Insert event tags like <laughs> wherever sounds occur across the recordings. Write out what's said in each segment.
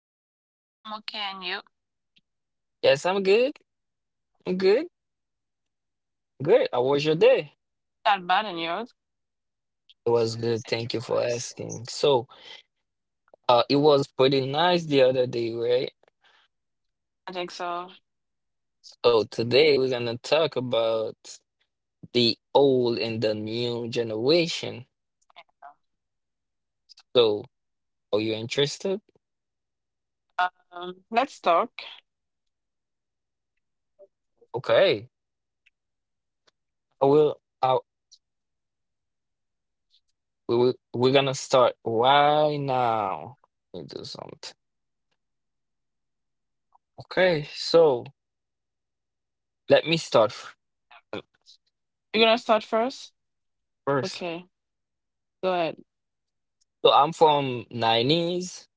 doing? I'm okay, and you? Yes, I'm good. I'm good. Good. How was your day? Not bad, and yours? It was good. Thank you for asking. So, it was pretty nice the other day, right? I think so. So today we're gonna talk about the old and the new generation. So, are you interested? Let's talk. Okay. I will. We're gonna start right now. Let me do something. Okay. So let me start You're gonna start first? first. Okay, go ahead. So I'm from nineties,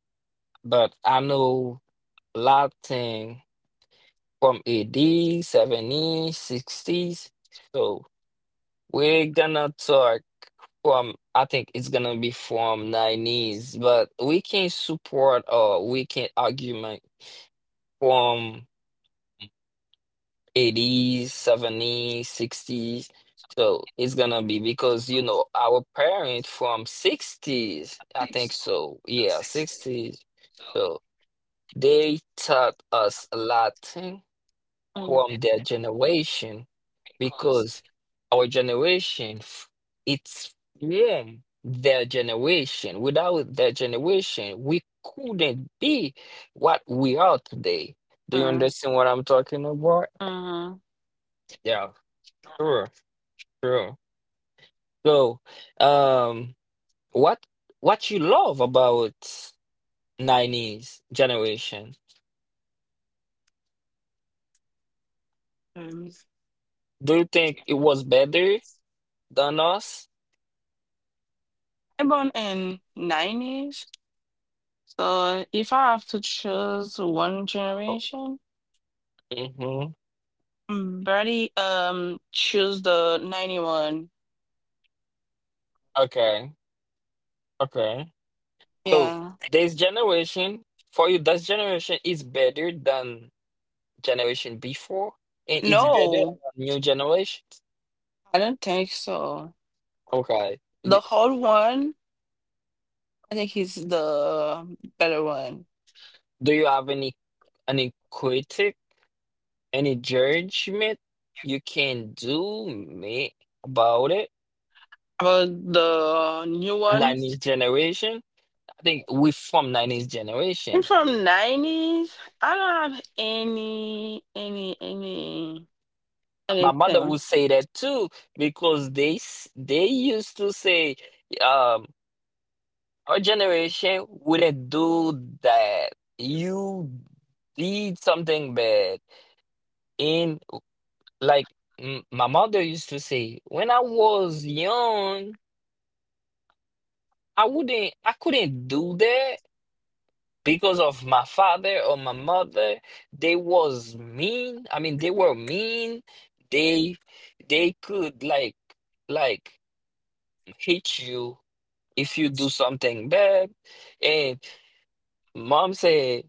but I know a lot thing from 80s, 70s, 60s. So we're gonna talk from, I think, it's gonna be from nineties, but we can support or we can argument from 80s, 70s, 60s. So it's gonna be because, you know, our parents from 60s, I Mm. think so. Yeah, 60s. They taught us a Latin from their generation because our generation, it's from their generation. Without their generation, we couldn't be what we are today. Do you Mm. understand what I'm talking about? Mm-hmm. Yeah, sure, sure. So, um, what what you love about 90s generation? Um, Do you think it was better than us? I'm born in 90s, so if I have to choose one Oh, generation. hmm. Bernie choose the 91. Okay. Okay. So Yeah. this generation, for you, this generation is better than generation before, and it's better No, than new generations. I don't think so. Okay. Y- The whole one, I think he's the better one. Do you have any critic, any judgment you can do me about it? About the new one, 90s generation. I think we from 90s I'm generation. from 90s. I don't have My mother anything. would say that too, because they used to say. um, Our generation wouldn't do that. You did something bad. In Like m my mother used to say, when I was young, I wouldn't, I couldn't do that, because of my father or my mother. They was mean. I mean, they were mean. They they could, like, hit you if you do something bad. And mom said,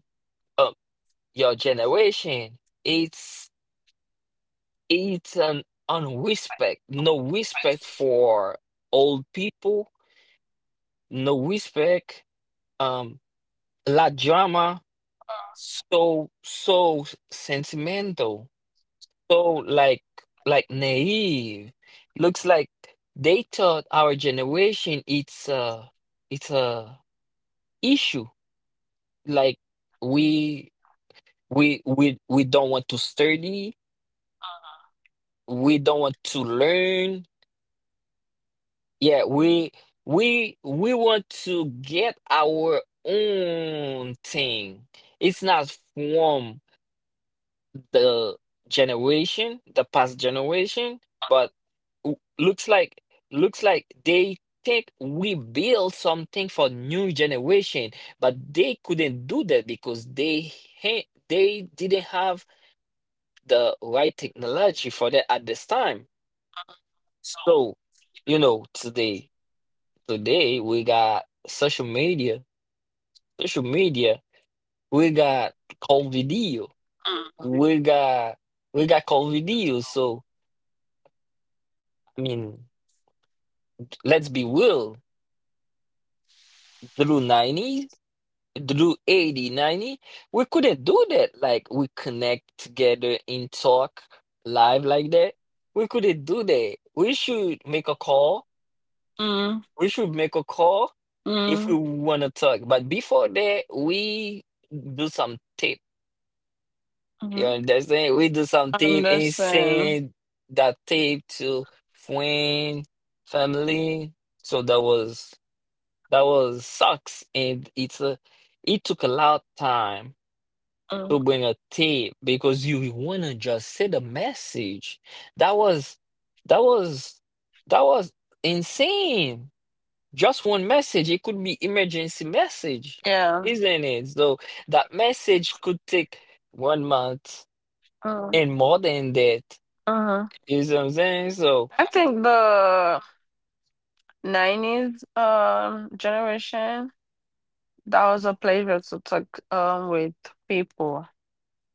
"Uh, your generation, it's it's an unrespect, no respect for old people, no respect, um la drama, so sentimental, so like naive. Looks like they thought our generation, it's a issue, like, we we don't want to study, we don't want to learn. Yeah, we want to get our own thing. It's not from the generation, the past generation, but w- looks like looks like they think we build something for new generation, but they couldn't do that because they didn't have the right technology for that at this time. So, today. Today we got social media. Social media. We got call video. We got we got call video. So, I mean, let's be real. Through 90, through 80, 90, we couldn't do that. Like, we connect together and talk live like that. We couldn't do that. We should make a call. Mm, We should make a call mm, if we want to talk. But before that, we do some tape. You mm. understand? We do some tape and Understand. send that tape to friend, family. So that was, sucks, and it took a lot time Mm, to bring a tape, because you wanna just send a message. That was that was that was insane. Just one message. It could be emergency message, yeah. isn't it? So that message could take 1 month Mm, and more than that. uh-huh. You see what I'm saying? So, I think the 90s generation that was a pleasure to talk with people.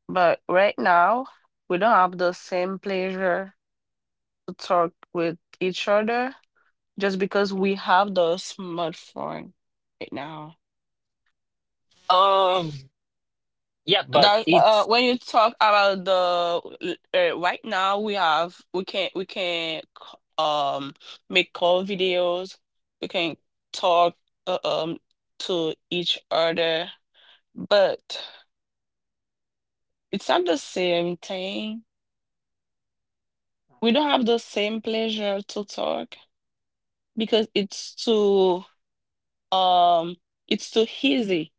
But right now we don't have the same pleasure to talk with each other just because we have the smartphone right now. um, yeah, but That it's When you talk about the right now we can um make call videos, we can talk uh, um to each other, but it's not the same thing. We don't have the same pleasure to talk because um it's too easy.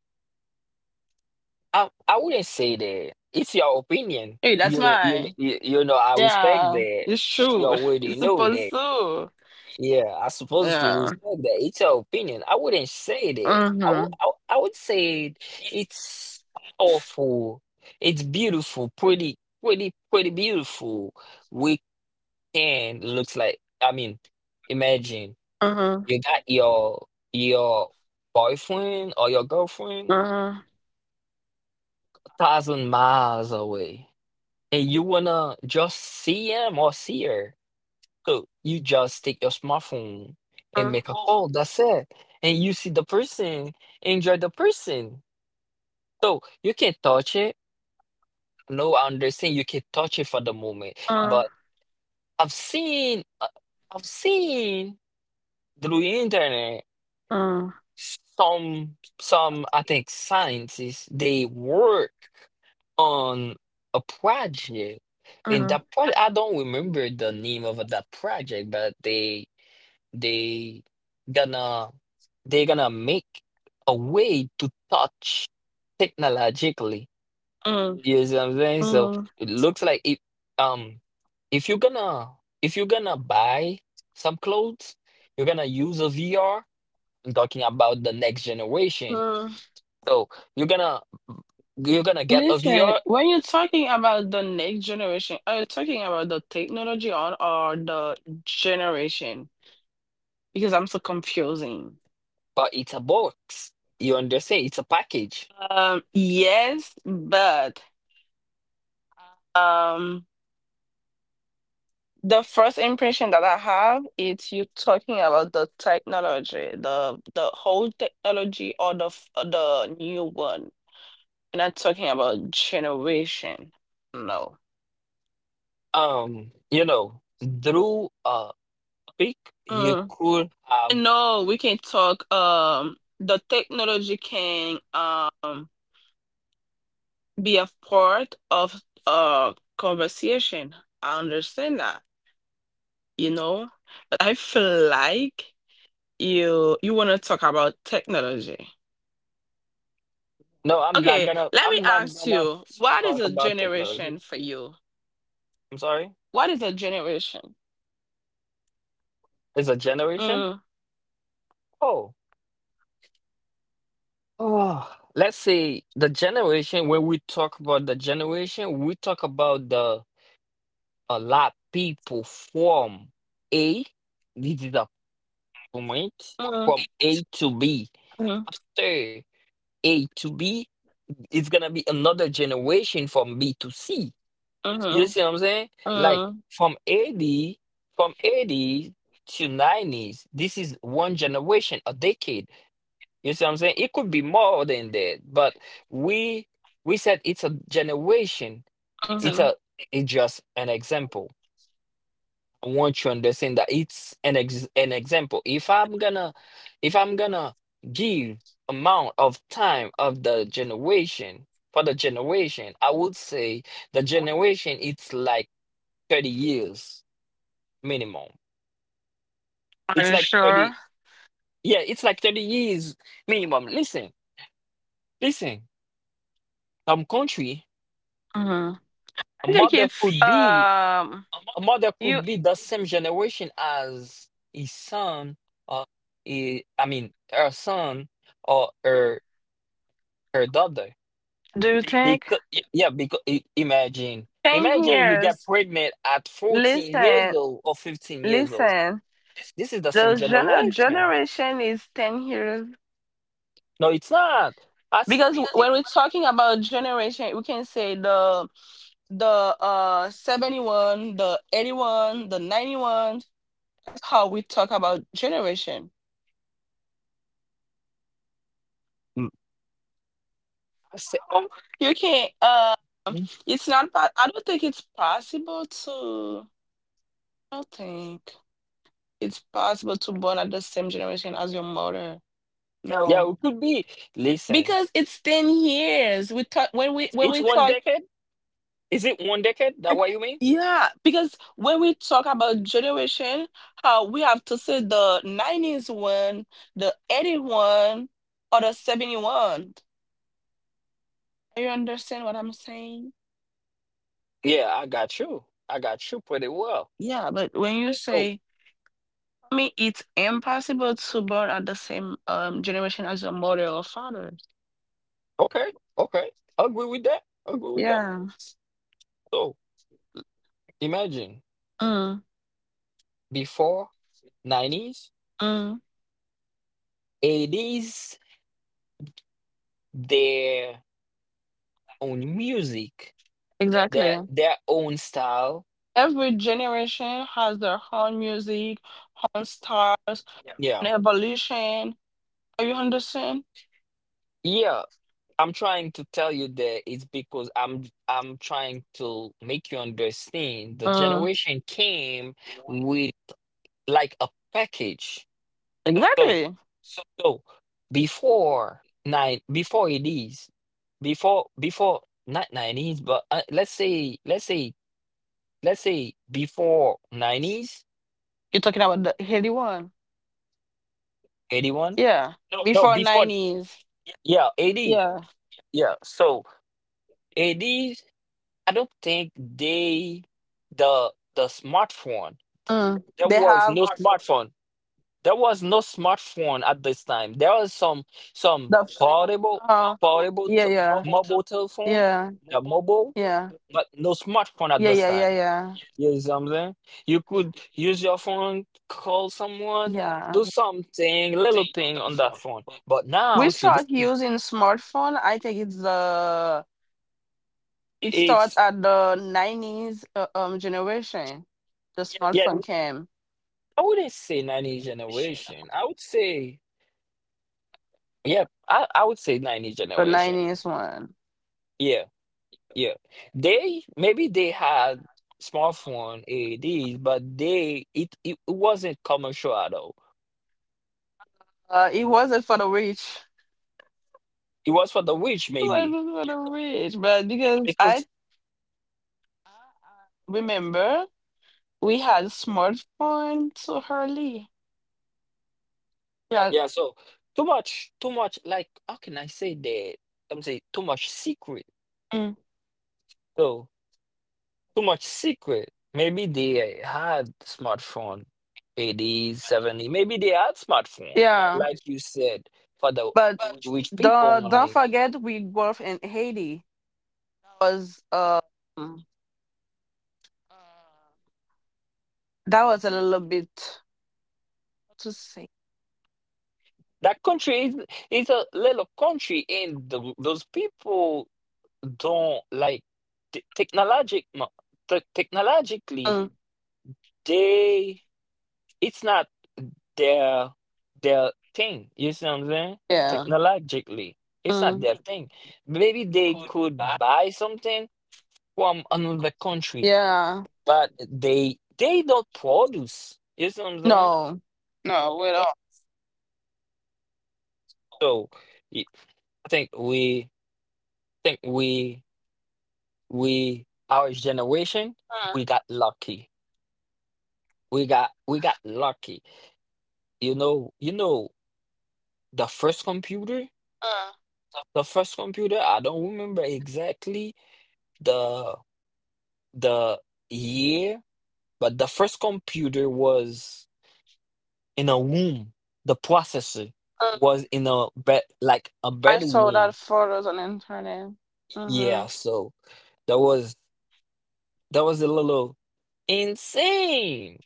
I, I wouldn't say that. It's your opinion. Hey, that's You you mine. you you know, I respect Yeah, that. it's You true. <laughs> already It's know supposed that. to. Yeah, I supposed to Yeah. respect that. It's your opinion. I wouldn't say that. Mm-hmm. I would say it's awful. It's beautiful, pretty, pretty, pretty beautiful. Weekend looks like. I mean, imagine. Uh, You got your, your boyfriend or your uh, girlfriend uh, 1,000 miles away, and you wanna just see him or see her. So you just take your smartphone and uh, make a call. That's it. And you see the person, enjoy the person. So you can touch it. No, I understand you can touch it for the moment, uh, but I've seen, uh, I've seen through the internet. uh, Some, I think, scientists, they work on a project, and that project, I don't remember the name of that project, but they gonna they gonna make a way to touch technologically. uh, You see what I'm saying? So uh, it looks like it. um if you're gonna buy some clothes, you're gonna use a VR. I'm talking about the next generation. uh. So you're gonna you're gonna get a Listen, VR, when you're talking about the next generation, are you talking about the technology on or the generation? Because I'm so confusing. but it's a box. You understand? It's a package. Yes, but um, the first impression that I have is you talking about the technology, the whole technology or the new one. We're not talking about generation. No. Um, you know, Through a pick, you Mm. could have. No, we can talk the technology can be a part of conversation. I understand that, you know? But I feel like you wanna talk about technology. No, I'm not Okay, gonna. let me I'm not ask gonna you, what is talk a about technology. generation for you? I'm sorry. What is a generation? It's a generation. Mm, Oh, oh. Let's say the generation. When we talk about the generation, we talk about the a lot people from A. This is a point mm, from A to B. mm, After A to B, it's gonna be another generation from B to C. You mm, see what I'm saying? Like mm, from 80, from 80s to 90s, this is one generation, a decade. You see what I'm saying? It could be more than that, but we we said it's a generation. It's mm. a it's just an example. I want you to understand that it's an example. If I'm gonna give amount of time of the generation for the generation, I would say the generation it's like 30 years minimum. Are It's you like 30, sure? yeah, it's like 30 years minimum. Listen, listen, some country, Uh-huh. a I think mother it's could be a mother you could be the same generation as his son, or he, I mean, her son, or her, daughter. do you think Because, yeah, because imagine ten imagine you get years. pregnant at 14 years Listen, old or 15 years old. listen. This is the same The gener- generation. generation is 10 years No, it's not. I because still. when we're talking about generation, we can say the 71, the 81, the 91. That's how we talk about generation. Mm. I say I-. Oh, you can't. Uh, mm, it's not. I don't think it's possible to. I don't think. It's possible to born at the same generation as your mother. yeah, No, it could be. Listen, because it's 10 years. We talk when we when it's we one talk. decade. Is it one decade? That what you mean? Yeah, because when we talk about generation, how we have to say the 90s one, the 81, or the 71. You understand what I'm saying? Yeah, I got you. I got you pretty well. Yeah, but when you So, say, I mean, it's impossible to born at the same generation as your mother or father. okay, okay. I agree with that. I agree with that. Yeah. So imagine Mm, before 90s, mm, 80s, their own music, their exactly. their own style. Every generation has their own music, own styles, Yeah. and evolution. Are you understand? Yeah. I'm trying to tell you that it's because I'm trying to make you understand the Mm, generation came with like a package. So. exactly. So Before nine, before it is, before not nineties, but let's say before nineties, You're talking about the Haiti one. 81. Yeah. No, Before before, 90s. yeah, 80. Yeah. Yeah, so eighties. I don't think they the the smartphone. Mm. There They was have no smartphone. There was no smartphone at this time. There was some the. portable Uh, portable yeah, t- yeah. mobile telephone, Yeah, yeah, the mobile, yeah, but no smartphone at yeah, this yeah, time. yeah, You know what I'm saying? You could use your phone, call someone, yeah. do something, little thing on that phone. But We now today, start using smartphone. I think it's the It started it's, at the 90s generation, the yeah. smartphone came, I wouldn't say 90 generation. I would say, yeah. I would say 90 the generation. 90s one. Yeah, yeah. They maybe they had smartphone ADs, but they it it wasn't commercial at all. It wasn't for the rich. It was for the rich <laughs> It wasn't maybe, for the rich, but because I because, remember we had smartphone so early. Yeah, yeah, so too much, too much. Like, how can I say that? I'm saying too much secret. mm, So too much secret. Maybe they had smartphone, 80s, 70. Maybe they had smartphone, yeah. like you said, for the But rich people don't only. forget we grew up in Haiti. Was that was a little bit to say. That country is a little country, and those people don't like t technologic, mo- te- technologically. Mm, They, it's not their their thing. You see what I'm saying? yeah, Technologically, it's not mm, their thing. Maybe they could buy something from another country, yeah. but they don't produce. You see what I'm saying? No, no. We don't. So, y- I think we our generation, Mm, we got lucky. We got lucky. You know the first computer. mm, The first computer, I don't remember exactly the. the year, but the first computer was in a womb. The processor mm. was in a bed, like a I saw that bedroom. photos on the internet. Mm-hmm. Yeah, so that was, a little insane.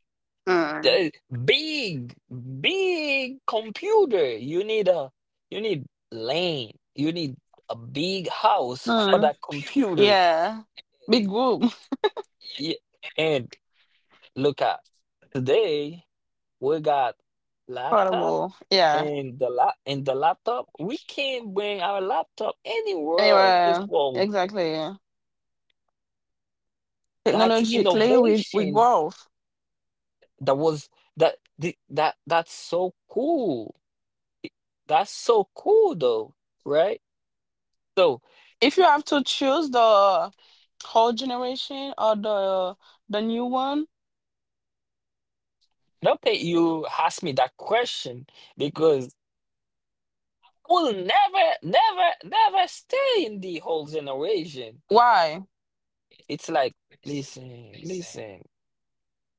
Mm. The big, big computer. You need a you need lane. You need a big house for Mm. that computer. Yeah. Big group. <laughs> Yeah. And look at today, we got laptop. Affordable. Yeah. And the laptop, we can bring our laptop anywhere in this Anyway, world. exactly. That's Technologically, we innovation. grow. That was that the, that That's so cool. That's so cool though, right? So If you have to choose the whole generation or the new one, I don't think you asked me that question, because I will never, never, never stay in the whole generation. why? It's like, listen, listen.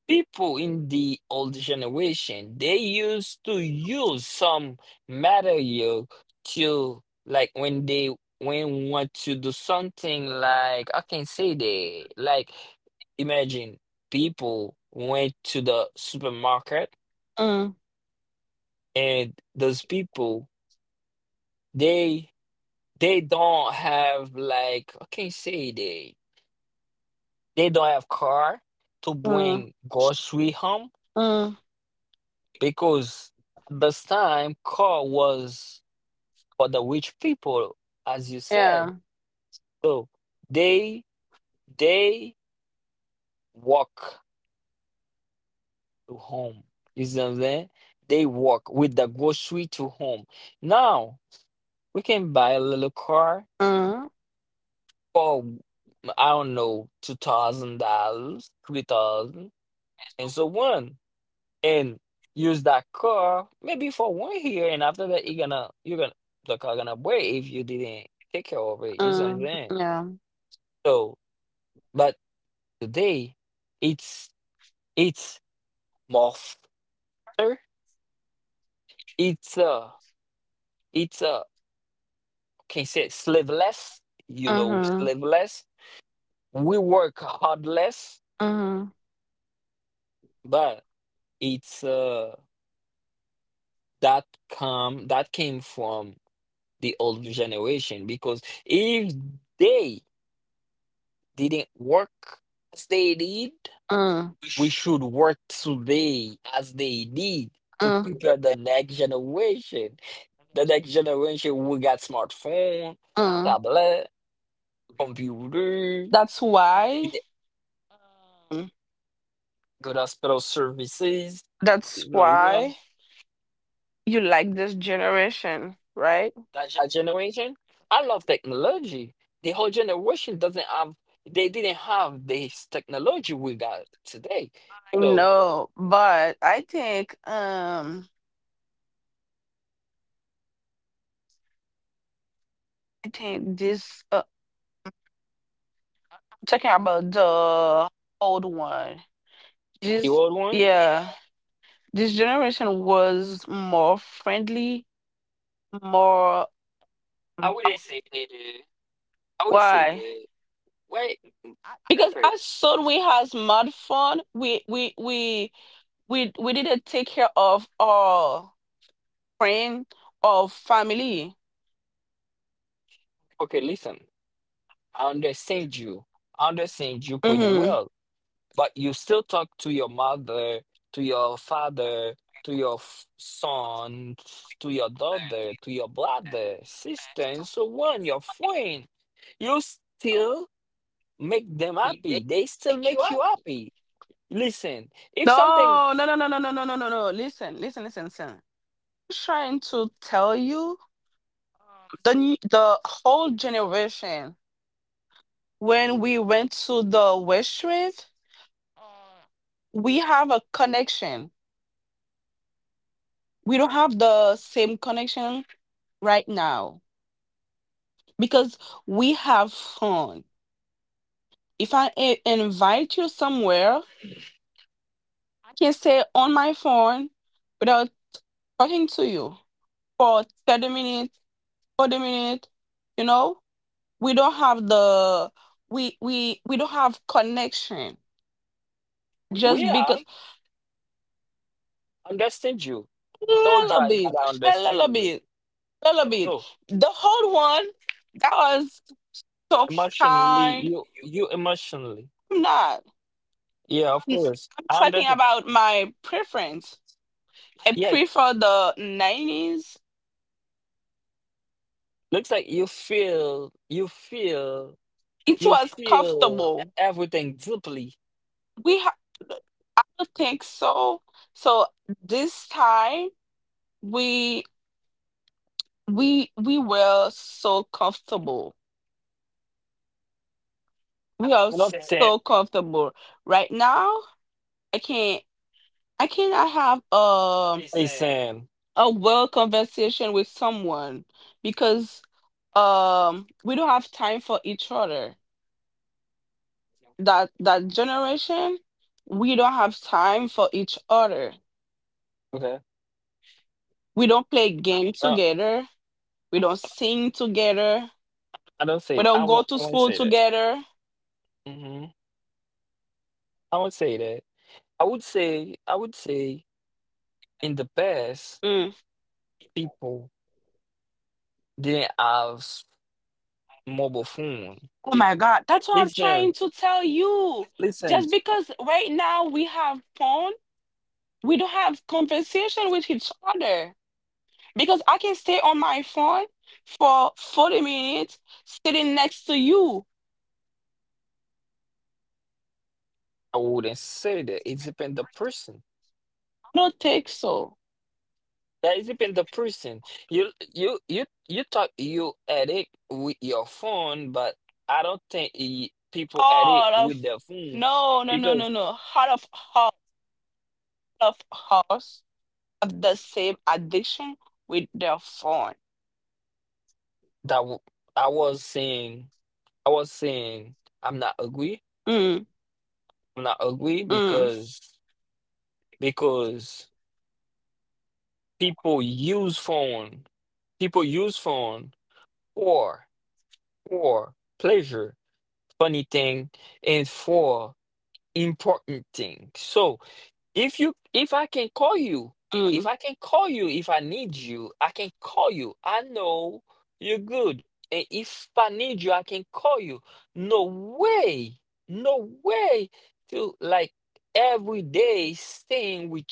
People in the old generation, they used to use some material to, like, when they when want to do something, like, I can say they, like, imagine people went to the supermarket, Mm, and those people, they they don't have, like, I can say they don't have car to mm, bring grocery home, mm. because at this time car was for the rich people, as you said. Yeah. So they they walk to home, you see what I'm saying? They walk with the grocery to home. Now we can buy a little car Mm, for, I don't know, $2,000, 3,000 and so on, and use that car maybe for 1 year. And after that you're gonna the car gonna break if you didn't take care of it. You see what I'm mm, saying? yeah. So but today it's it's more faster, it's it's can say sleeveless. You know, Mm-hmm. sleeveless. We work hard less. Mm-hmm. But it's that come that came from the old generation, because if they didn't work as they did, Mm, we should work today as they did to mm, prepare the next generation. The next generation, we got smartphone, mm. tablet, computer, That's we why. get good hospital services. That's You know what? why you like this generation, right? A generation. I love technology. The whole generation doesn't have, they didn't have this technology we got today. I So know, but I think this I'm talking about the old one. the This old one, yeah, yeah, this generation was more friendly, more I wouldn't say it is. I would say why. good. Because Okay, as soon we has smartphone, we didn't take care of our friend or family. okay, listen. I understand you. I understand you Yeah, pretty mm-hmm. well, but you still talk to your mother, to your father, to your son, to your daughter, to your brother, sister, and so on, your friend. You still make them happy. They still make you happy. Listen, if something, No, no, no, no, no, no, no, no, no, no. Listen, listen, listen, listen. I'm trying to tell you, the whole generation, when we went to the West Street, we have a connection. We don't have the same connection right now because we have phone. If invite you somewhere, I can stay on my phone without talking to you for 30 minutes, 40 minutes, you know? We don't have the we don't have connection we just are, because. understand you. a I told you little that bit I a understand little you. bit a little bit, So the whole one, that was so emotionally, kind. you emotionally. I'm not, Yeah, of i'm, course. I'm I talking understand. about my preference. I Yeah, prefer the 90s. looks like It you was feel comfortable. everything deeply. we ha- I don't think so. So this time we we were so comfortable. We are I don't say, so comfortable right now. I can't. I cannot have say Sam. a well conversation with someone because we don't have time for each other. That generation, we don't have time for each other. Okay. We don't play game I don't, together. We don't sing together. I don't We say. I don't go won't. to I won't school say that. together. hmm I won't say that. I would say in the past, Mm. people didn't have mobile phone. Oh my God, that's what I'm trying Listen, to tell you. listen. Just because right now we have phone, we don't have conversation with each other. Because I can stay on my phone for 40 minutes sitting next to you. I wouldn't say that. It depends the person. I don't think so. That is even the person. You talk, you addict with your phone, but I don't think people addict All with of their phone No, no, no, no, because no. Heart of hearts have the same addiction with their phone. that w- I was saying, I was saying I'm not agree, Mm, I'm not agree, mm, because people use phone. People use phone for for pleasure, funny thing, and for important thing. So if you if I can call you, if mm. I can call you, if I need you, I can call you. I know you're good. And if I need you, I can call you. No way. No way to like every day staying with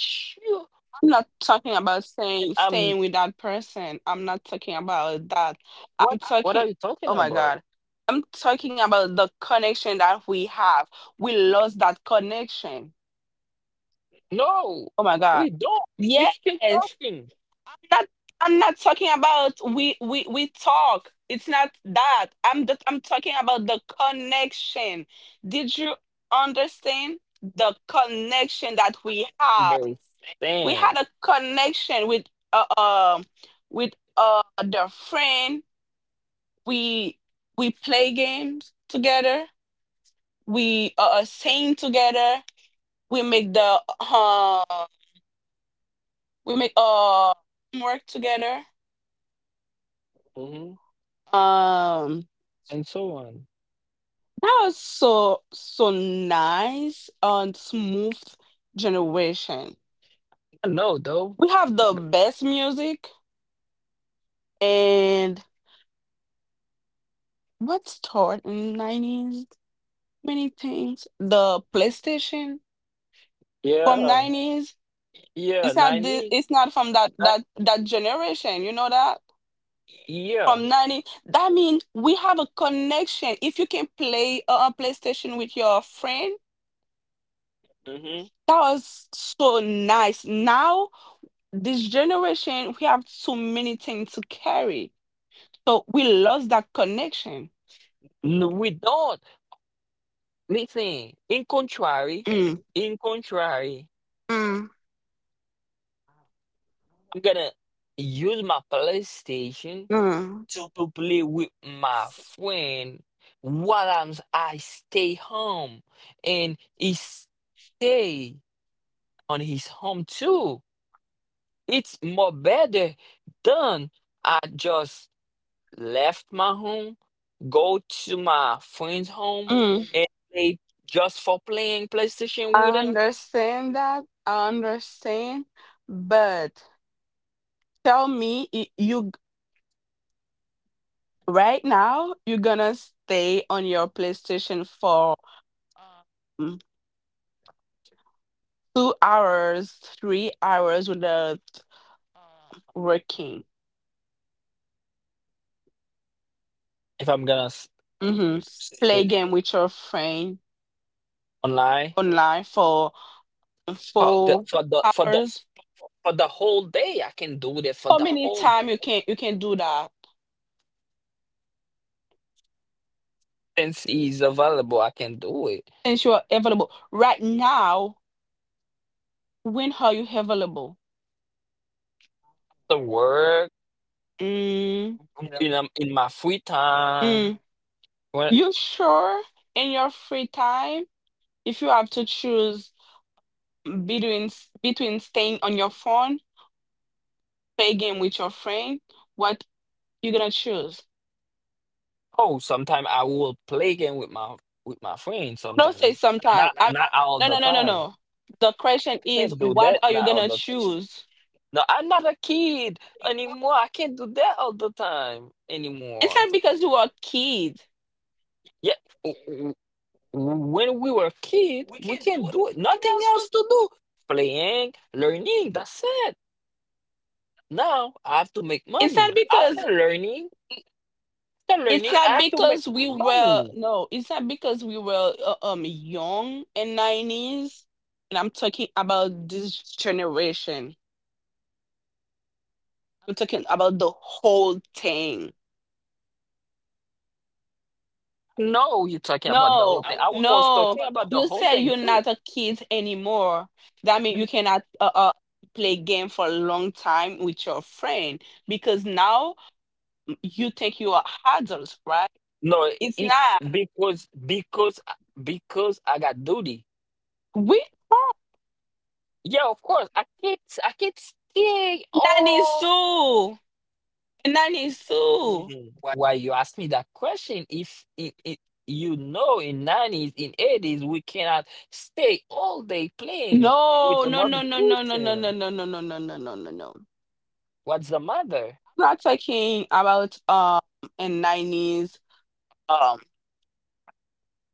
you. I'm not talking about And saying I'm, staying with that person. I'm not talking about that. I'm what are talking, you talking oh my about? God. I'm talking about the connection that we have. We lost that connection. No, Oh my God. we don't. We Yes. still talking. not I'm not talking about we talk. It's not that. I'm just I'm talking about the connection. Did you understand the connection that we have? They We had stand. a connection with uh, um the friend. We we play games together. We sing together. we make the uh we make work together. Hmm. um And so on. that was so, so nice and smooth generation. I know though. We have the best music, and what's taught in 90s. Many things, the PlayStation from Yeah. 90s. Yeah. It's not this, 90. it's not from that generation, you know that, Yeah. from 90. That means we have a connection if you can play a PlayStation with your friend. Hmm. That was so nice. Now this generation, we have so many things to carry, so we lost that connection. No, we don't. Listen, Mm, in contrary, mm, I'm gonna use my PlayStation mm, to play with my friend while I stay home and he stay on his home too. It's more better than I just left my home, go to my friend's home, mm. and play just for playing PlayStation i with him. understand that i understand but tell me, you. Right now, you're gonna stay on your PlayStation for mm, 2 hours, 3 hours without working. If hmm Play sit game with your friend online online for for the four for the for the hours. for the whole day, I can do it for How the many whole, time you can do that since it's available. I can do it. since you're available? Right now, when are you available? The work Mm, in my free time. mm. When, You sure in your free time? If you have to choose between between staying on your phone, play a game with your friend, what you gonna choose? oh, sometimes I will play game with my friends. I don't say Sometimes sometime. not, not all No, the no, no, no, time. no. The question is, Can't do what that. are you Not all gonna the. choose? No, I'm not a kid anymore. I can't do that all the time It's anymore. not because you are a kid. Yeah, when we were a kid, we can do it. Nothing else to do. Playing, learning. That's it. Now I have to make It's money. not because After it's learning, I not have to make because we were money. no. It's not because we were young in nineties. And I'm talking about this generation. I'm talking about the whole thing. No, you're talking about the No, whole thing. I was no. talking about You the whole whole said thing you're thing. too. Not a kid anymore. That means you Y- cannot play game for a long time with your friend because now you think you are adults, right? No, It's it, not. because because I got duty. We Yeah, of course. I can't stay. Nanny Sue. Nanny Sue. Mhm. Why you ask me that question? If it, you know, in 90s, in 80s, we cannot stay all day playing No, with no, another no, no, no, no, no, no, person. no, no, no, no, no, no, no, no. I'm What's the matter? not talking about in nineties. um,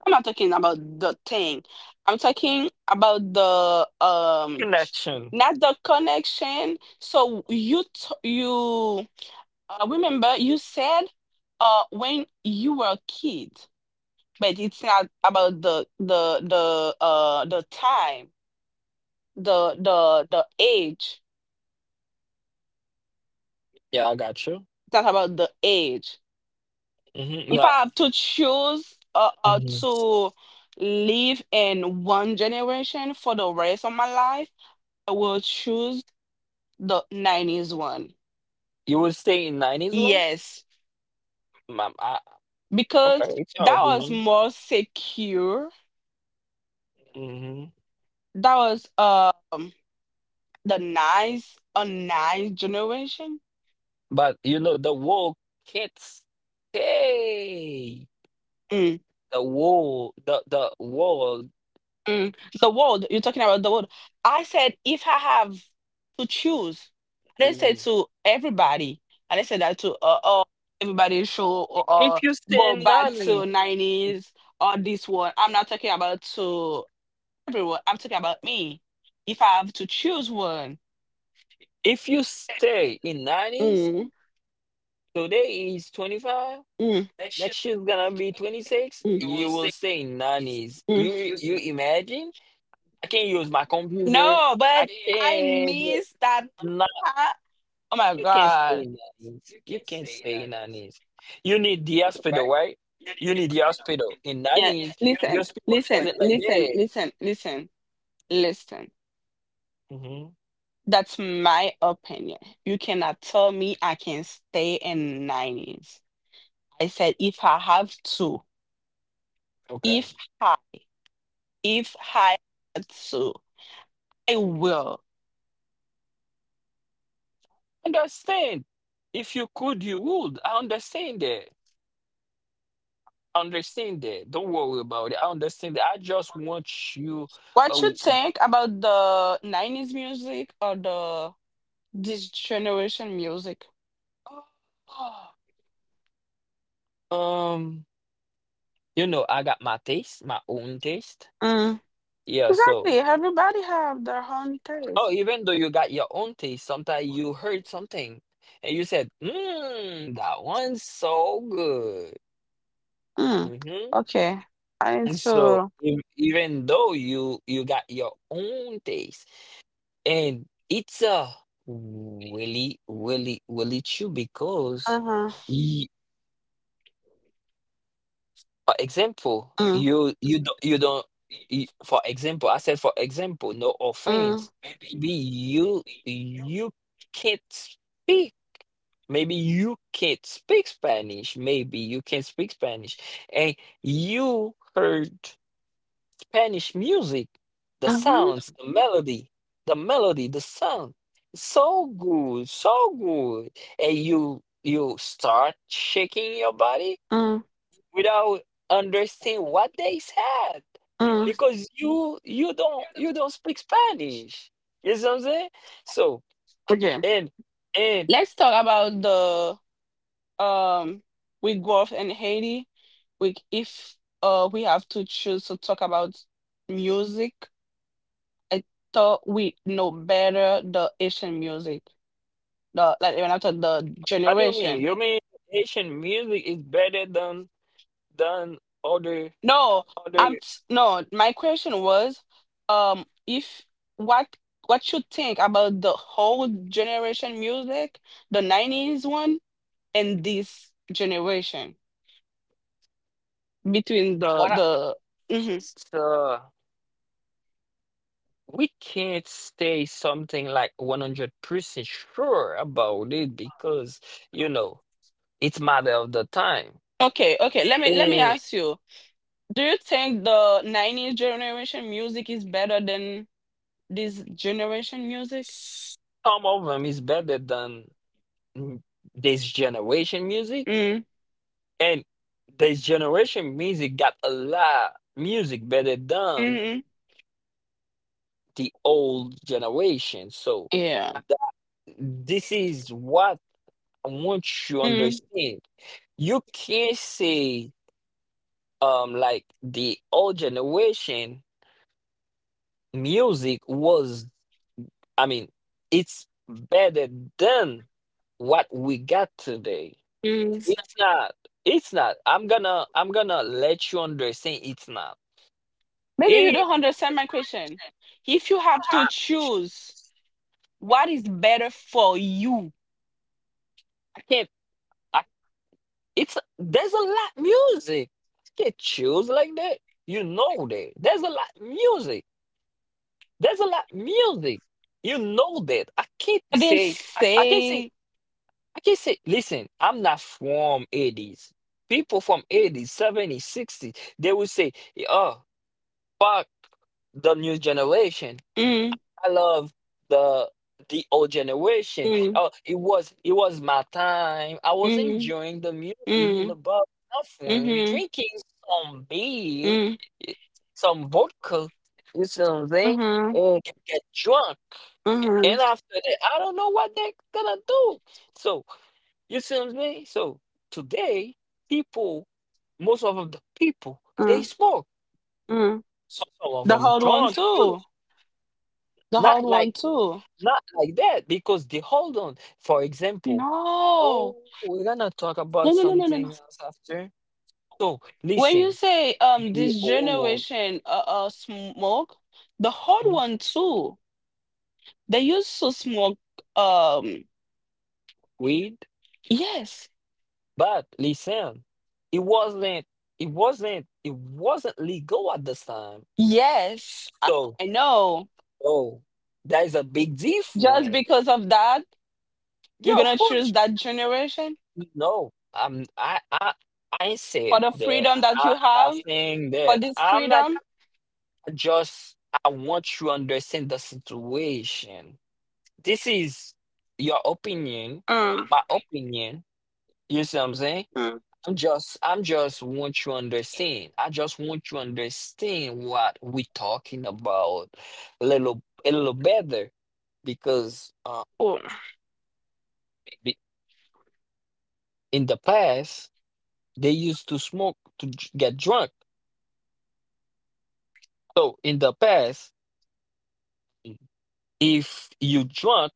I'm not talking about the thing. I'm talking about the Connection. not the connection. So you remember you said when you were a kid, but it's not about the time, the age. Yeah, I got you. It's not about the age. Hmm. If No, I have to choose hmm, to live in one generation for the rest of my life. I will choose the 90s one. you will stay in 90s one? Yes, Mom, I, okay, because it's your that was opinion. more secure. Hmm. That was the nice a nice generation. But you know, the world can't stay. Mm, The world, the world. mm. The world, you're talking about the world. I said if I have to choose, I didn't say Mhm. to everybody. I didn't say that to everybody should or If you stay go in back to 90s, 90s or this one. I'm not talking about to everyone. I'm talking about me. If I have to choose one. If you stay in 90s, Mm, today is 25, mm, mm, next year's gonna be 26, you will stay in 90s. You you mm. imagine? I can't use my computer. No, I but I can't miss that no, part. Oh my you can't stay God. in 90s. You can't stay in 90s. You need the hospital, right? You need the hospital. In Yeah, 90s, the listen, hospital listen, wasn't like listen, that. listen, listen, listen. Hmm. That's my opinion. You cannot tell me I can stay in 90s. I said if I have to, Okay. if I, if I had to, I will. Understand. If you could, you would. I understand that. Understand that. Don't worry about it. I understand that. I just want you. What Uh, you think about the 90s music or the this generation music? <gasps> um, you know, I got my taste, my own taste. Mm. Yeah. So, Exactly. Everybody have their own oh, taste. even though you got your own taste, sometimes you heard something and you said, "Mmm, that one's so good." Mm. Mm-hmm. Okay. I need And so, to. Even though you got your own taste, and it's a really, really, really true because. Uh-huh. For example, Mm. you don't you don't you, for example, I said for example, no Mm. offense. Maybe you can't speak. Maybe you can't speak Spanish. Maybe you can't speak Spanish. And you heard Spanish music, the Mm-hmm. sounds, the melody, the sound. So good, so good. And you start shaking your body Mm. without understand what they said Mm. because you don't speak Spanish. You know what I'm saying? So Okay. and and Let's talk about the um with growth in Haiti. We if we have to choose to talk about music, I thought we know better the Asian music. The like when I thought the what do you mean, generation. you mean Haitian music is better than other, No, other? no. My question was, if what what you think about the whole generation music, the '90s one, and this generation between the What I, the. Mhm. so we can't say something like 100% sure about it because you know it's matter of the time. Okay. Let me And ask you. Do you think the '90s generation music is better than this generation music? some of them is better than m- this generation music, Mm, and this generation music got a lot music better than mm-hmm. the old generation. So Yeah. this is what I want you to Mm, understand. You can't say like the old generation music was, I mean, it's better than what we got today. mm. It's not. It's not. I'm gonna let you understand it's not. Maybe you It, don't understand my question. If you have to I, choose, what is better for you? I can't, I it's there's a lot music. I can't choose like that. You know that. There's a lot music. There's a lot music. You know that. I didn't I can't say say. I can't say, listen, I'm not from 80s. People from 80s, 70s, 60s, they will say, oh fuck the new generation. Mm, I love the the old generation. mm, Oh, it was, it was my time. I was mm, enjoying the music mm. in Hmm. the bar, nothing, Mm. drinking some beer, eh, some vodka. You see what I'm saying? Hmm. And get drunk. Hmm. And after that, I don't know what they're gonna do. So you see what I'm saying? So today, people, most of the people, they Mm, smoke. mm. Some of The them hard one drunk too. too. The hard Not one like too. Not like that, because they hold on. For example, No, oh, we're gonna talk about no, no, no, no, no, no. something else after. So When you listen, say the this old one, generation smoke, the hard uh-huh, one too. They used to smoke um read, yes. but listen, it wasn't, it wasn't legal at this time. Yes, I So I know. oh, that is a big Just difference. because of that, you're Yeah, of gonna choose course. that generation No, I'm, I ain't for said the that. freedom that I'm you not have, saying for that. this I'm not freedom. just I want you to understand the situation. This is your opinion, Mm. my opinion. You see what I'm saying? I'm just want you to understand. I just want you to understand what we talking about a little better because Oh. be- in the past they used to smoke to get drunk. So in the past, if you drunk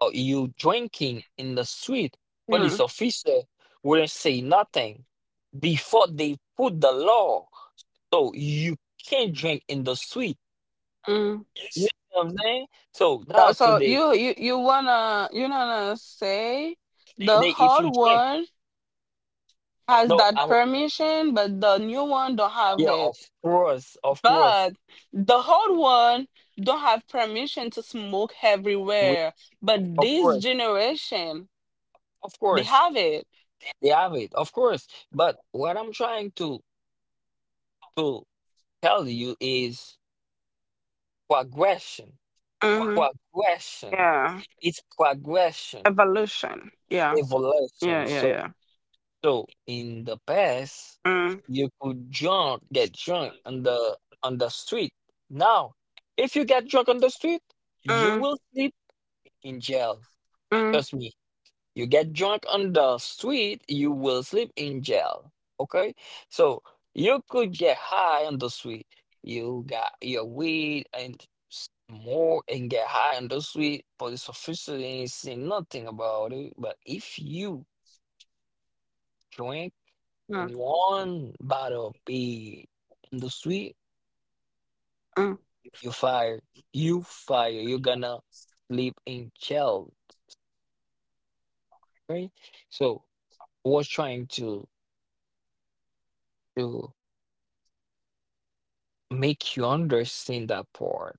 or you drinking in the street, Mm. police officer wouldn't say nothing before they put the law. So you can't drink in the street. Mm. You know what I'm saying? So Uh, now So today, you wanna say the today if hard you drink, one has no, that I permission, but the new one don't have yeah, it. of course, of course, But the hard one don't have permission to smoke we, everywhere. But of this course, generation, of they course, have it. they have it, of course. But what I'm trying to tell you is progression, Mhm. progression. Yeah. It's progression, Evolution. Yeah, yeah, evolution. yeah, So. yeah. So in the past, Mm, you could drunk get drunk on the street. Now, if you get drunk on the street, you mm, will sleep in jail. mm, Trust me. You get drunk on the street, you will sleep in jail. Okay? So you could get high on the street. You got your weed and more and get high on the street. Police officer ain't saying nothing about it. But if you drink mm, one bottle of pee in the street, mm, you fire. You fire. You're gonna sleep in jail, right? So was trying to make you understand that part.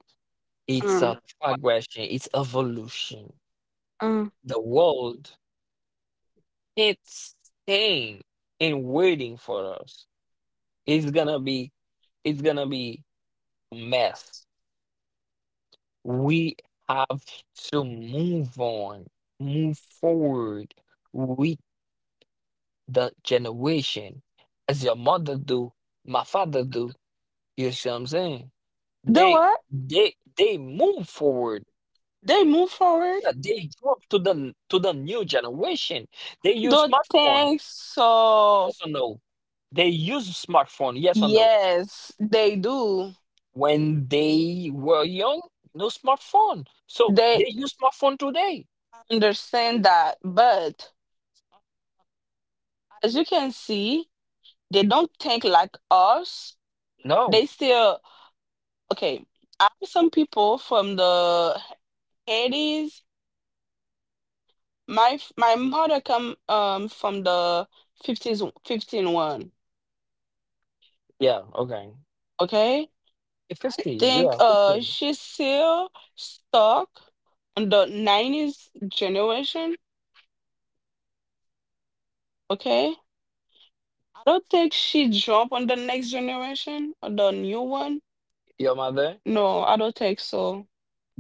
It's mm, a progression. It's evolution. mm. The world it's staying and waiting for us. It's gonna be. It's gonna be a mess. We have to move on, move forward with the generation, as your mother do, my father do. You see what I'm saying? Do They what? they move forward. They move forward? Yeah, they drop to the new generation. They use Don't smartphone. think so. Yes or no? They use smartphone. Yes or no? Yes, they do. When they were young, no smartphone. So They they use smartphone today. understand that, but as you can see, they don't think like us. No. They still okay. I have some people from the 80s. My mother come from the 50s fifteen one, Yeah. Okay. okay? Yeah, I 50, think yeah, 50. she's still stuck on the 90s generation, okay? I don't think she jump on the next generation or the new one. Your mother, No, I don't think so.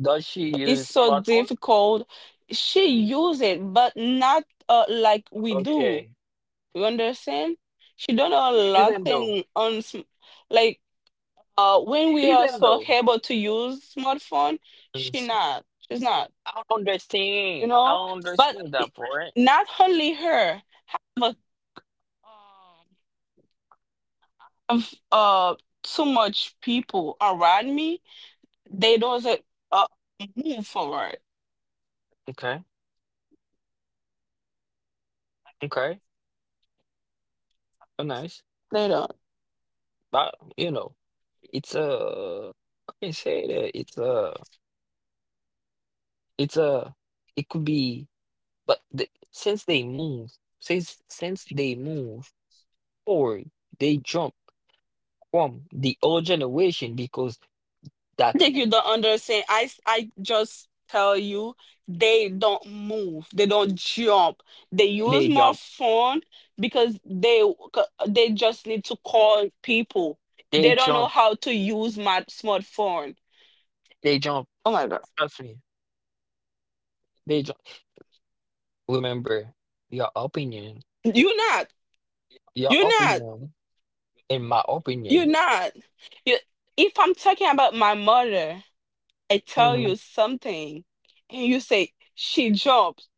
does she It's use so smartphone? difficult. She use it, but not like we do. Okay. You understand? She don't know a lot Even though, thing on like. When we are even so though, able to use smartphone, she Mhm. not. She's not. You Understand, know, I but understand it- that point. not only her have have too much people around me. They doesn't uh move forward. Okay, okay, oh, nice. They don't. But it's a, I can say that it's a, it could be, but the, since they move, since they move forward, they jump from the old generation because I that think you don't understand. I just tell you they don't move. They don't jump. They use they my jump, phone because they just need to call people. they They don't know jump. how to use my smartphone. They jump, Oh my god. trust me. They jump, remember your opinion. You're not. Your You're not. opinion, in my You're opinion. not. You, if I'm talking about my mother, I tell Mhm. you something and you say she jumps.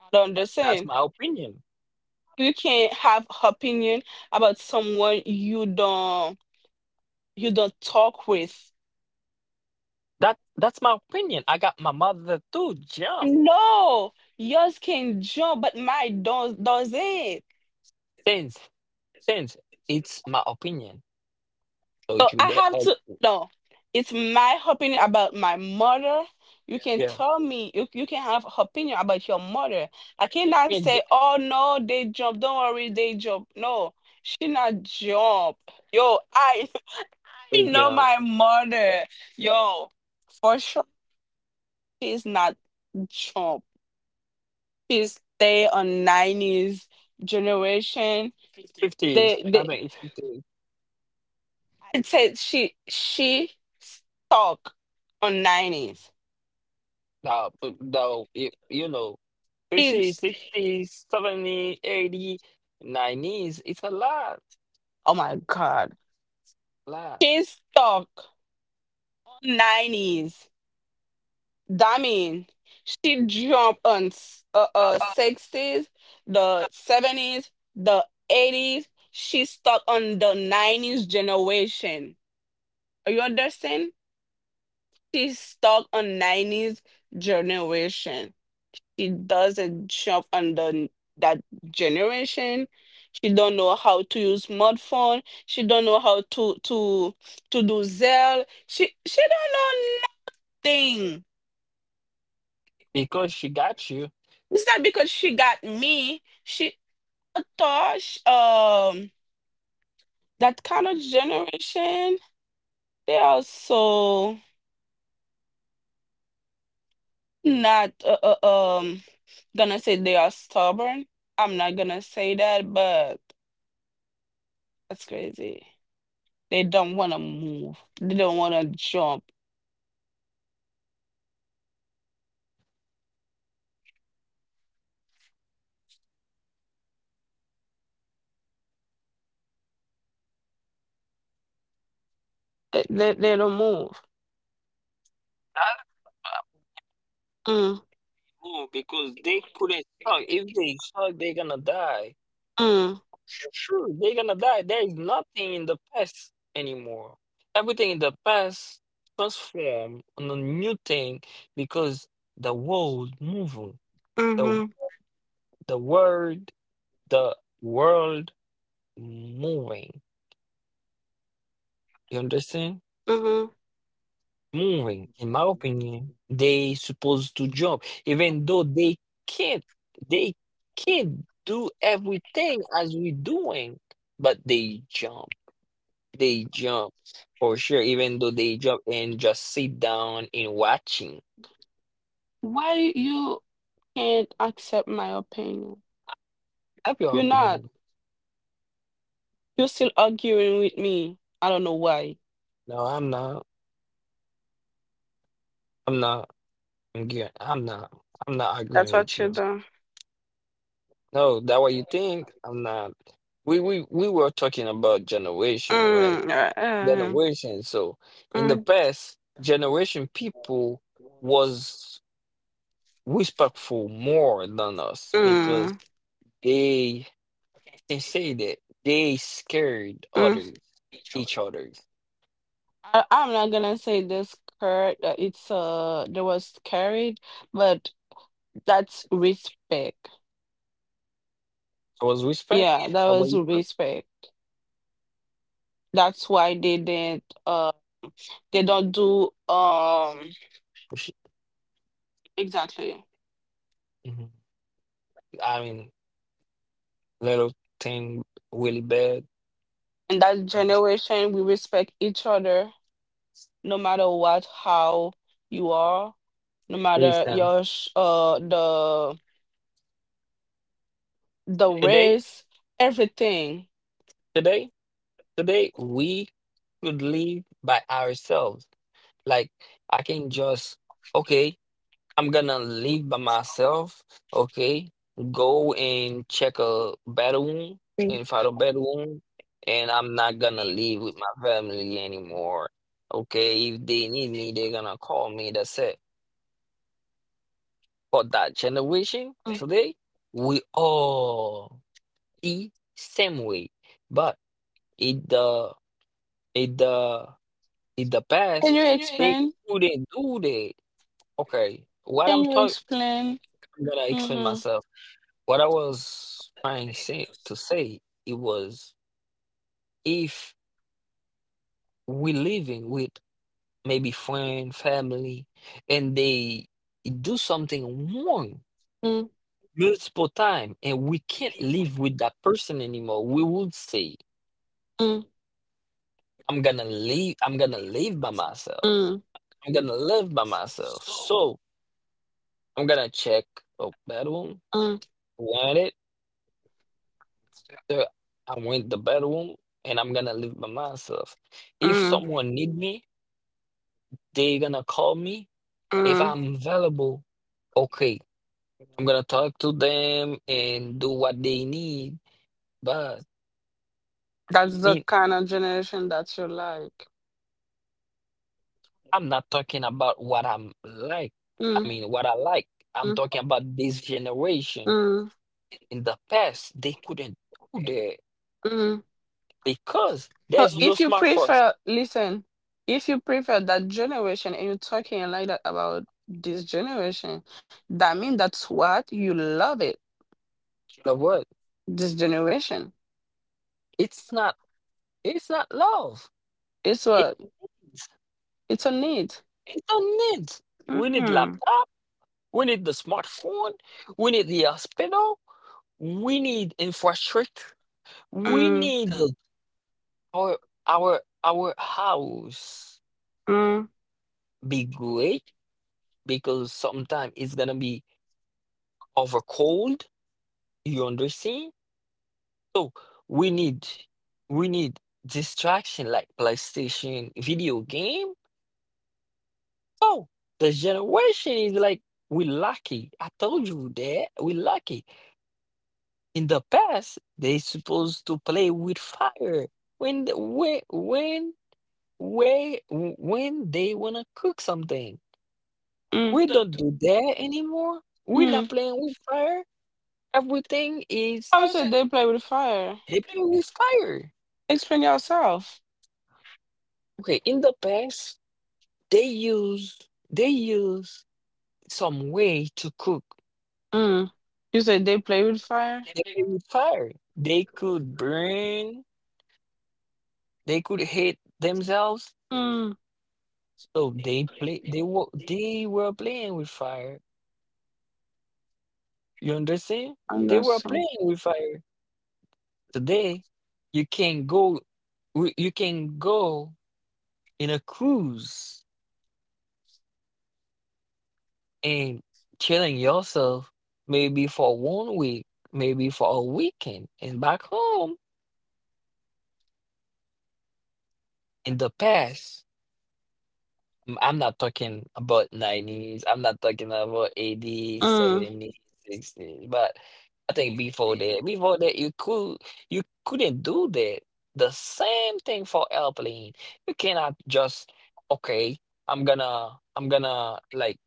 I don't That's understand. my opinion. You can have opinion about someone you don't talk with. That's my opinion. I got my mother to jump. No, yours can jump, but mine don't doesn't. Tens, tens. It's my opinion. So So you I let have like, to no. It's my opinion about my mother. You can yeah. tell me you can have opinion about your mother. I cannot You say, get, oh no, they jump. Don't worry, they jump. No, she not jump. Yo, I <laughs> I you know know, my mother. Yo, for sure, she's not chump. She's stay on nineties generation. fifties. They I they mean it's fifties. I said she stuck on nineties. No, but no, you know, 50s, She's 60s, 70s, 80s, 90s. It's a lot, oh my god. lot. She's stuck on nineties. That mean she jumped on Uh-uh. sixties, the 70s, the 80s. She stuck on the 90s generation. You understand? She's stuck on 90s generation. She doesn't shop under that generation. She don't know how to use smartphone. She don't know how to do Zelle. She don't know nothing. Because she got you. It's not because she got me. Thought sh- um that kind of generation, they are so not uh, um gonna say they are stubborn. I'm not gonna say that, but that's crazy. They don't want to move. They don't want to jump. They don't move. That's... Mm, Ooh, because they couldn't suck. If they suck, they're gonna die. mm, Sure, they're gonna die. There is nothing in the past anymore. Everything in the past transformed on a new thing because the world moving. The mm-hmm, the world the world moving. You understand? mm-hmm. Moving, in my opinion, they supposed to jump, even though they can't, they can't do everything as we doing, but they jump. They jump for sure, even though they jump and just sit down and watching. Why you can't accept my opinion? Have your You're not. opinion. You're still arguing with me. I don't know why. No, I'm not. I'm not. I'm not. I'm not That's agreeing what with you you. do. No, that what you think. I'm not. We were talking about generation, right? Mm, Generation. So in the mm, past generation, people was respectful more than us because mm, they can say that they scared mm. others, each other. I, I'm not gonna say this cur that it's there was carried, but that's respect. There was respect. Yeah, Yeah. that That way was you thought, respect. That's why they didn't they don't do oh, shit. exactly. Mhm. I mean, little thing really bad. In that Um, generation we respect each other no matter what how you are, no please, matter um, the Today, race, everything. today, today, we should live by ourselves. Like, I can just, okay, I'm gonna leave by myself, okay? Go and check a battle wound and fight a battle wound, and I'm not gonna live with my family anymore, okay? If they need me, they're gonna call me. That's it. For that generation today, we all the same way, but in the in the in the Can past, you Can you they explain? couldn't do that. Okay, what Can I'm you talking, explain? I'm gonna explain Mm-hmm. myself. What I was trying to say, it was, if we living with maybe friend, family, and they do something wrong Mm, multiple time, and we can't live with that person anymore, we would say, mm, "I'm gonna leave. I'm gonna live by myself. mm, So I'm gonna check the bedroom, mm, rent it. uh, I rent the bedroom, and I'm gonna live by myself. If mm, someone need me. They're gonna call me. If mm. I'm available, okay, I'm gonna talk to them and do what they need. But I That's the mean, kind of generation that you like. I'm not talking about what I'm like. I Mm, mean, what I like. I'm mm, talking about this generation. mm, In the past, they couldn't do that mm. because So there's no if you smartphones. prefer, listen, if you prefer that generation and you're talking like that about this generation, that means that's what you love it. In the world, This generation. it's not, it's not love. It's what It's, it's a need. it don't need. We need Mm, laptop. We need the smartphone. We need the hospital. We need infrastructure. We mm, need the- our our house mm, be great because sometimes it's gonna be over cold. You understand? So we need we need distraction like PlayStation, video game. Oh, the generation is like we lucky. I told you that we lucky. In the past, they supposed to play with fire. When the, when way when they wanna cook something. mm, We don't do that anymore. We're mm. not playing with fire. Everything is... I would How's say it? they play with fire. They play with fire. Explain yourself. Okay, in the past they use, they use some way to cook. Mm. You say they play with fire? They play with fire. They could burn. They could hate themselves. Mm, So they play. They were, they were playing with fire. You understand? They were understand. playing with fire. Today, you can go, you can go in a cruise and chilling yourself, maybe for one week, maybe for a weekend, and back home in the past. Mm, I'm not talking about 90s. I'm not talking about 80s, Mm, 70s, 60s. But I think before that, you could, you couldn't do that. The same thing for airplane. You cannot just, okay, I'm gonna like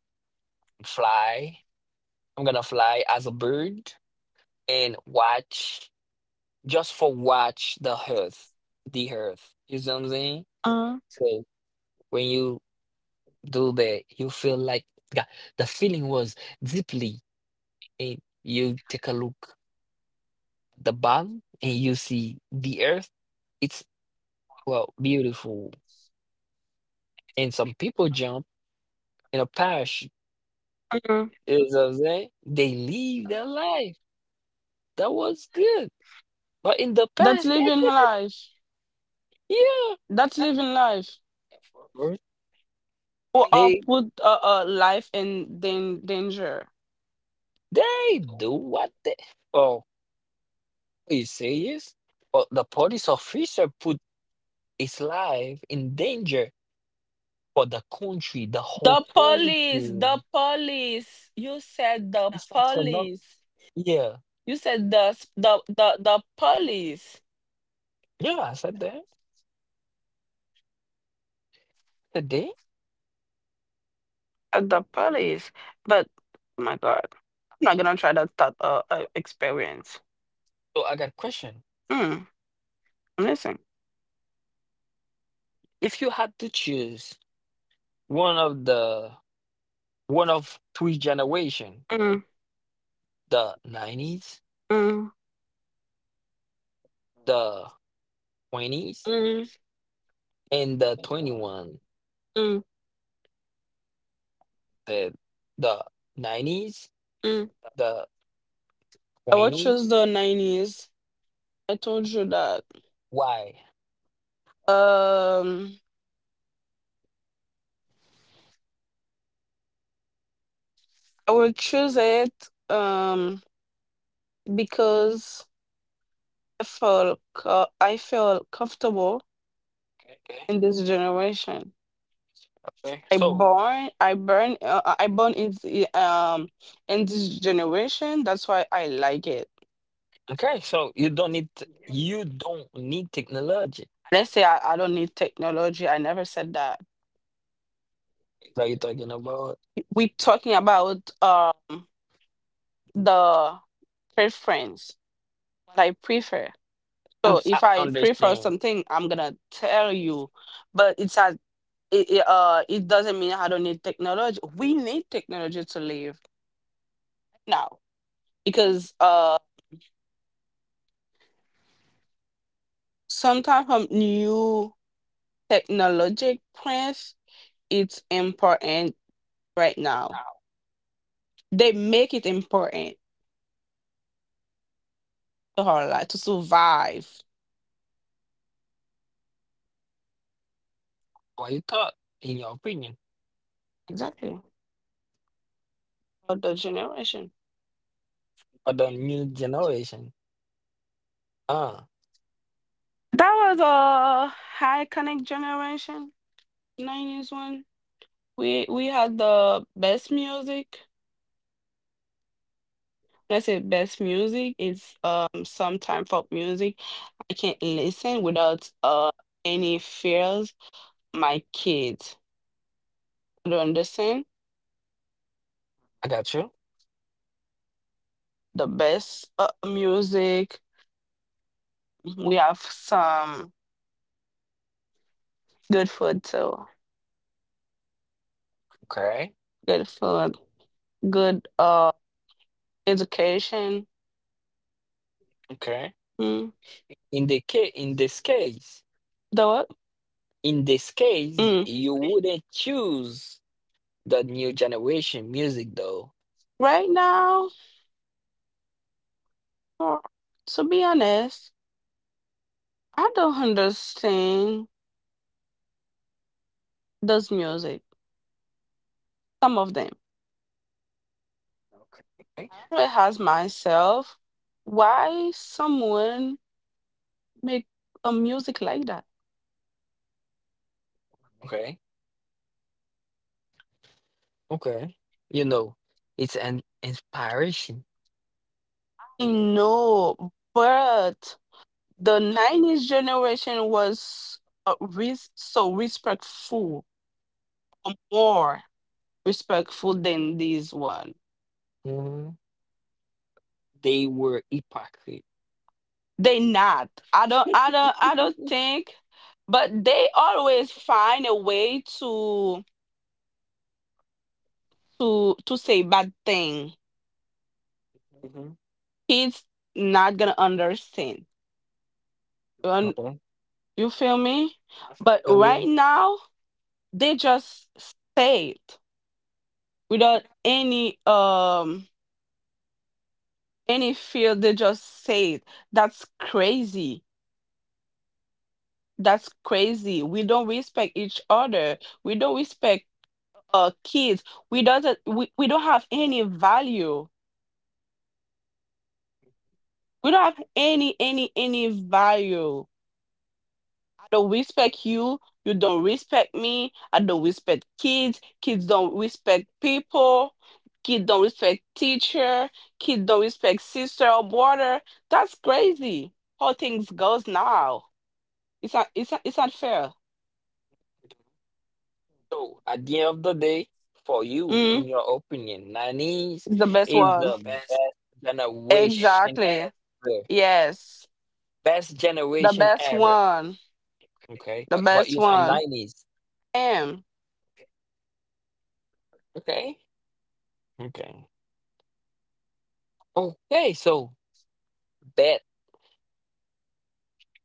fly. I'm gonna fly as a bird and watch just for watch the earth, the earth. You see what I'm saying? mm, So when you Dube, you feel like, yeah, the feeling was deeply and you take a look at the bottom and you see the earth. It's well beautiful. And some people jump in a parachute. mm. You know what I'm saying? They live their life. That was good. But in the That's past they living couldn't, life. yeah. That's living life. Bro. Who are They put life in danger. they do what they... oh, are you serious? But the police officer put his life in danger for the country, the whole The police, country. the police. You said the It's not for not, police. yeah. You said the police. Yeah, I said that today. The police. But oh my God, I'm not gonna try that thought experience. So I got a question. Mm, I'm listening. If you had to choose one of the one of three generation, Mm, the 90s, mm, the 20s, mm, and the twenty one, mm, the the nineties, mm. the I would twenties, choose the 90s. I told you that. why? Um, I would choose it. Um, because I feel comfortable Okay. in this generation. Okay. So, I born in the, in this generation. That's why I like it. okay, so you don't need t- you don't need technology Let's say I don't need technology. I never said that. that you're talking about. We talking about the preference, what I prefer. And So I if I prefer understand. something, I'm gonna tell you. But it's a it, it, it doesn't mean I don't need technology. We need technology to live now because some type of new technologic plans, it's important right now, they make it important to her life to survive Why you thought, in your opinion, exactly for the generation for the new generation? Ah, that was a iconic generation, 90s one, we had the best music. When I say best music is sometime folk music I can't listen without any fears my kids, do you understand I got you. the best music. We have some good food too. Okay, Good food, good education. okay. Mm. In the ca- in this case, The what? Mm. you wouldn't choose the new generation music, though. Right now, uh, to be honest, I don't understand this music. Some of them. Okay, I always ask myself why someone make a music like that. okay, okay. You know, it's an inspiration. I know, but the 90s generation was so respectful or more respectful than this one. Mhm. They were hypocrite. They not I don't I don't I don't think But they always find a way to say bad thing, Mm-hmm. kids not gonna understand you, you feel me. But right No, now they just say it without any field, they just say it. That's crazy. That's crazy, we don't respect each other, we don't respect kids, we doesn't we don't have any value, we don't have any value. I don't respect you, you don't respect me, I don't respect kids, kids don't respect people, kids don't respect teacher, kids don't respect sister or brother. That's crazy how things goes now. It's not, it's not, it's not fair. so at the end of the day, for you, Mm, in your opinion, nineties it's the best is one. the best generation Exactly. ever. Yes. Best The generation best ever. one. Okay. The But best you're from one. nineties. M. Okay. Okay. Okay, so bet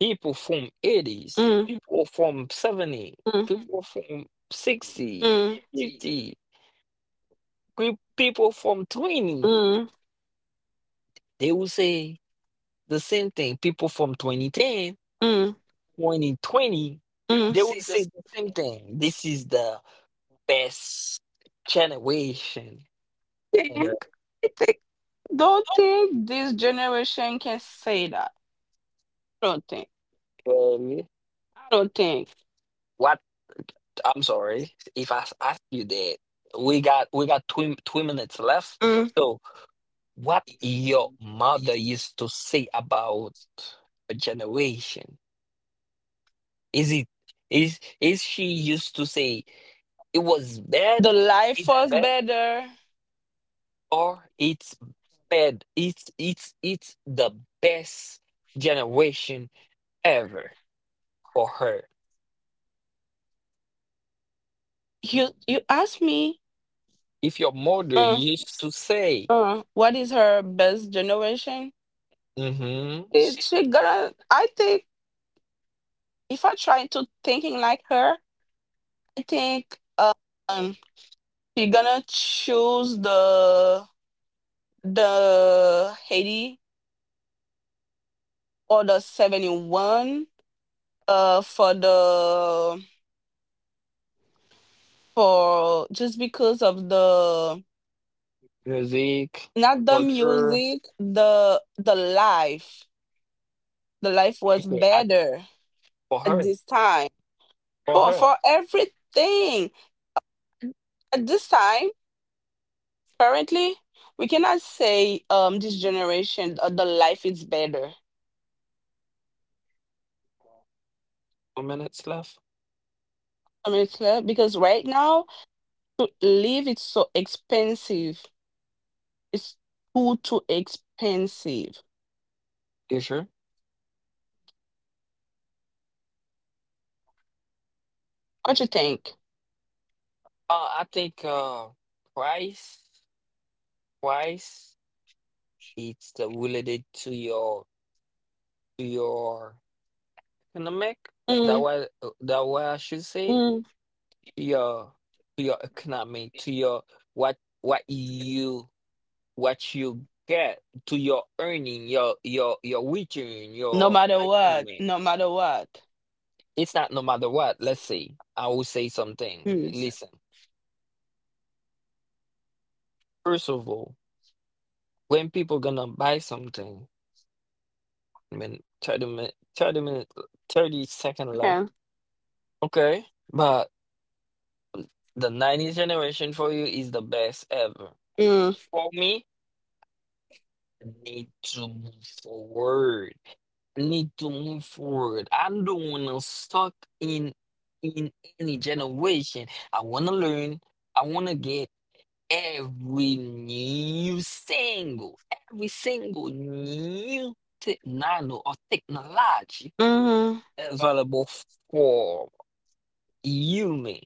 people from eighties, Mm, people from 70, mm, people from 60, mm, 50, pe- people from 20, mm, they will say the same thing. People from 2010. mm, 2020, mm. they will say the same thing. This is the best generation ever. Think, I think, don't think this generation can say that. I don't think. Baby. I don't think. What? I'm sorry if I s- ask you that. We got two minutes left. Mm. So, what your mother used to say about a generation? Is it, is she used to say it was The bad, life it's was bad, better. or it's fed, it's the best generation ever for her, You ask me, if your mother uh, used to say, what is her best generation? mm-hmm, It, she gonna. I think. If I try to thinking like her, I think she gonna choose the Haiti or the 71 for the, for just because of the, music, not the culture, music, the life, the life was okay, I, better for at her this time, for her, for everything at this time. Currently, we cannot say this generation the life is better. 2 minutes left, I mean, it's clear because right now to live it's so expensive. It's too too expensive. you sure, What you think? uh, I think uh, price, price it's, related to your, to your economic, that Mm, what that what I should say, mm. to your, to your economy, to your, what what you what you get, to your earning, your return, No your matter what, economy. no matter what. It's not no matter what. Let's say I will say something. Mm. Listen, first of all, when people gonna buy something, I mean, 30 minute, 30 second left. Yeah. Okay, but the 90s generation for you is the best ever. Mm, For me, need to move forward. Need to move forward. I don't wanna stuck in in any generation. I wanna learn. I wanna get every new single, every single new technology or technology hmm. available for human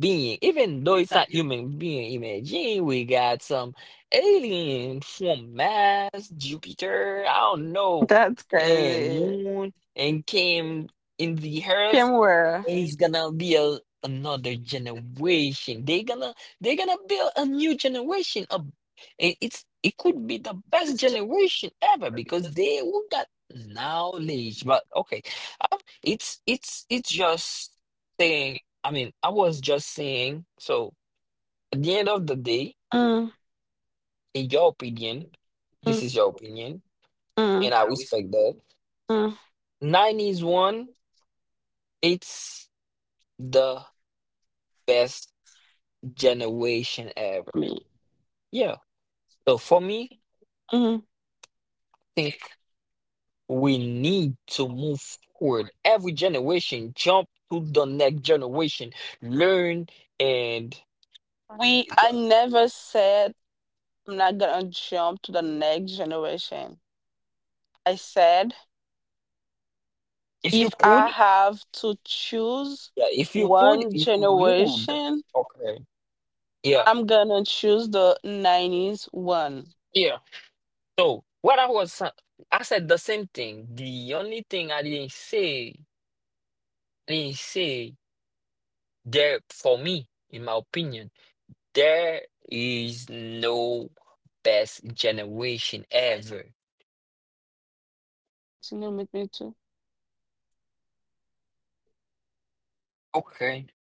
being, even though it's not human being, imagine we got some alien from Mars, Jupiter, I don't know, That's and crazy. moon, and came in the earth, Kimware. it's gonna be a, another generation. They're gonna build a new generation. Of. It's it could be the best generation ever because they will got knowledge. But okay, it's just saying. I mean, I was just saying. So at the end of the day, Mm, in your opinion, mm, mm, this is your mm, opinion, mm. and I respect that. Nineties one, it's the best generation ever. Yeah. So for me, Mm-hmm. I think we need to move forward. Every generation, jump to the next generation, learn, and We. I never said. I'm not gonna jump to the next generation. I said if you if could, I have to choose yeah, if you could, one if you would. generation, Okay. Yeah. I'm gonna choose the 90s one. Yeah. So what I was, I said the same thing. The only thing I didn't say there for me, in my opinion, there is no best generation ever. Continue with me too. Okay.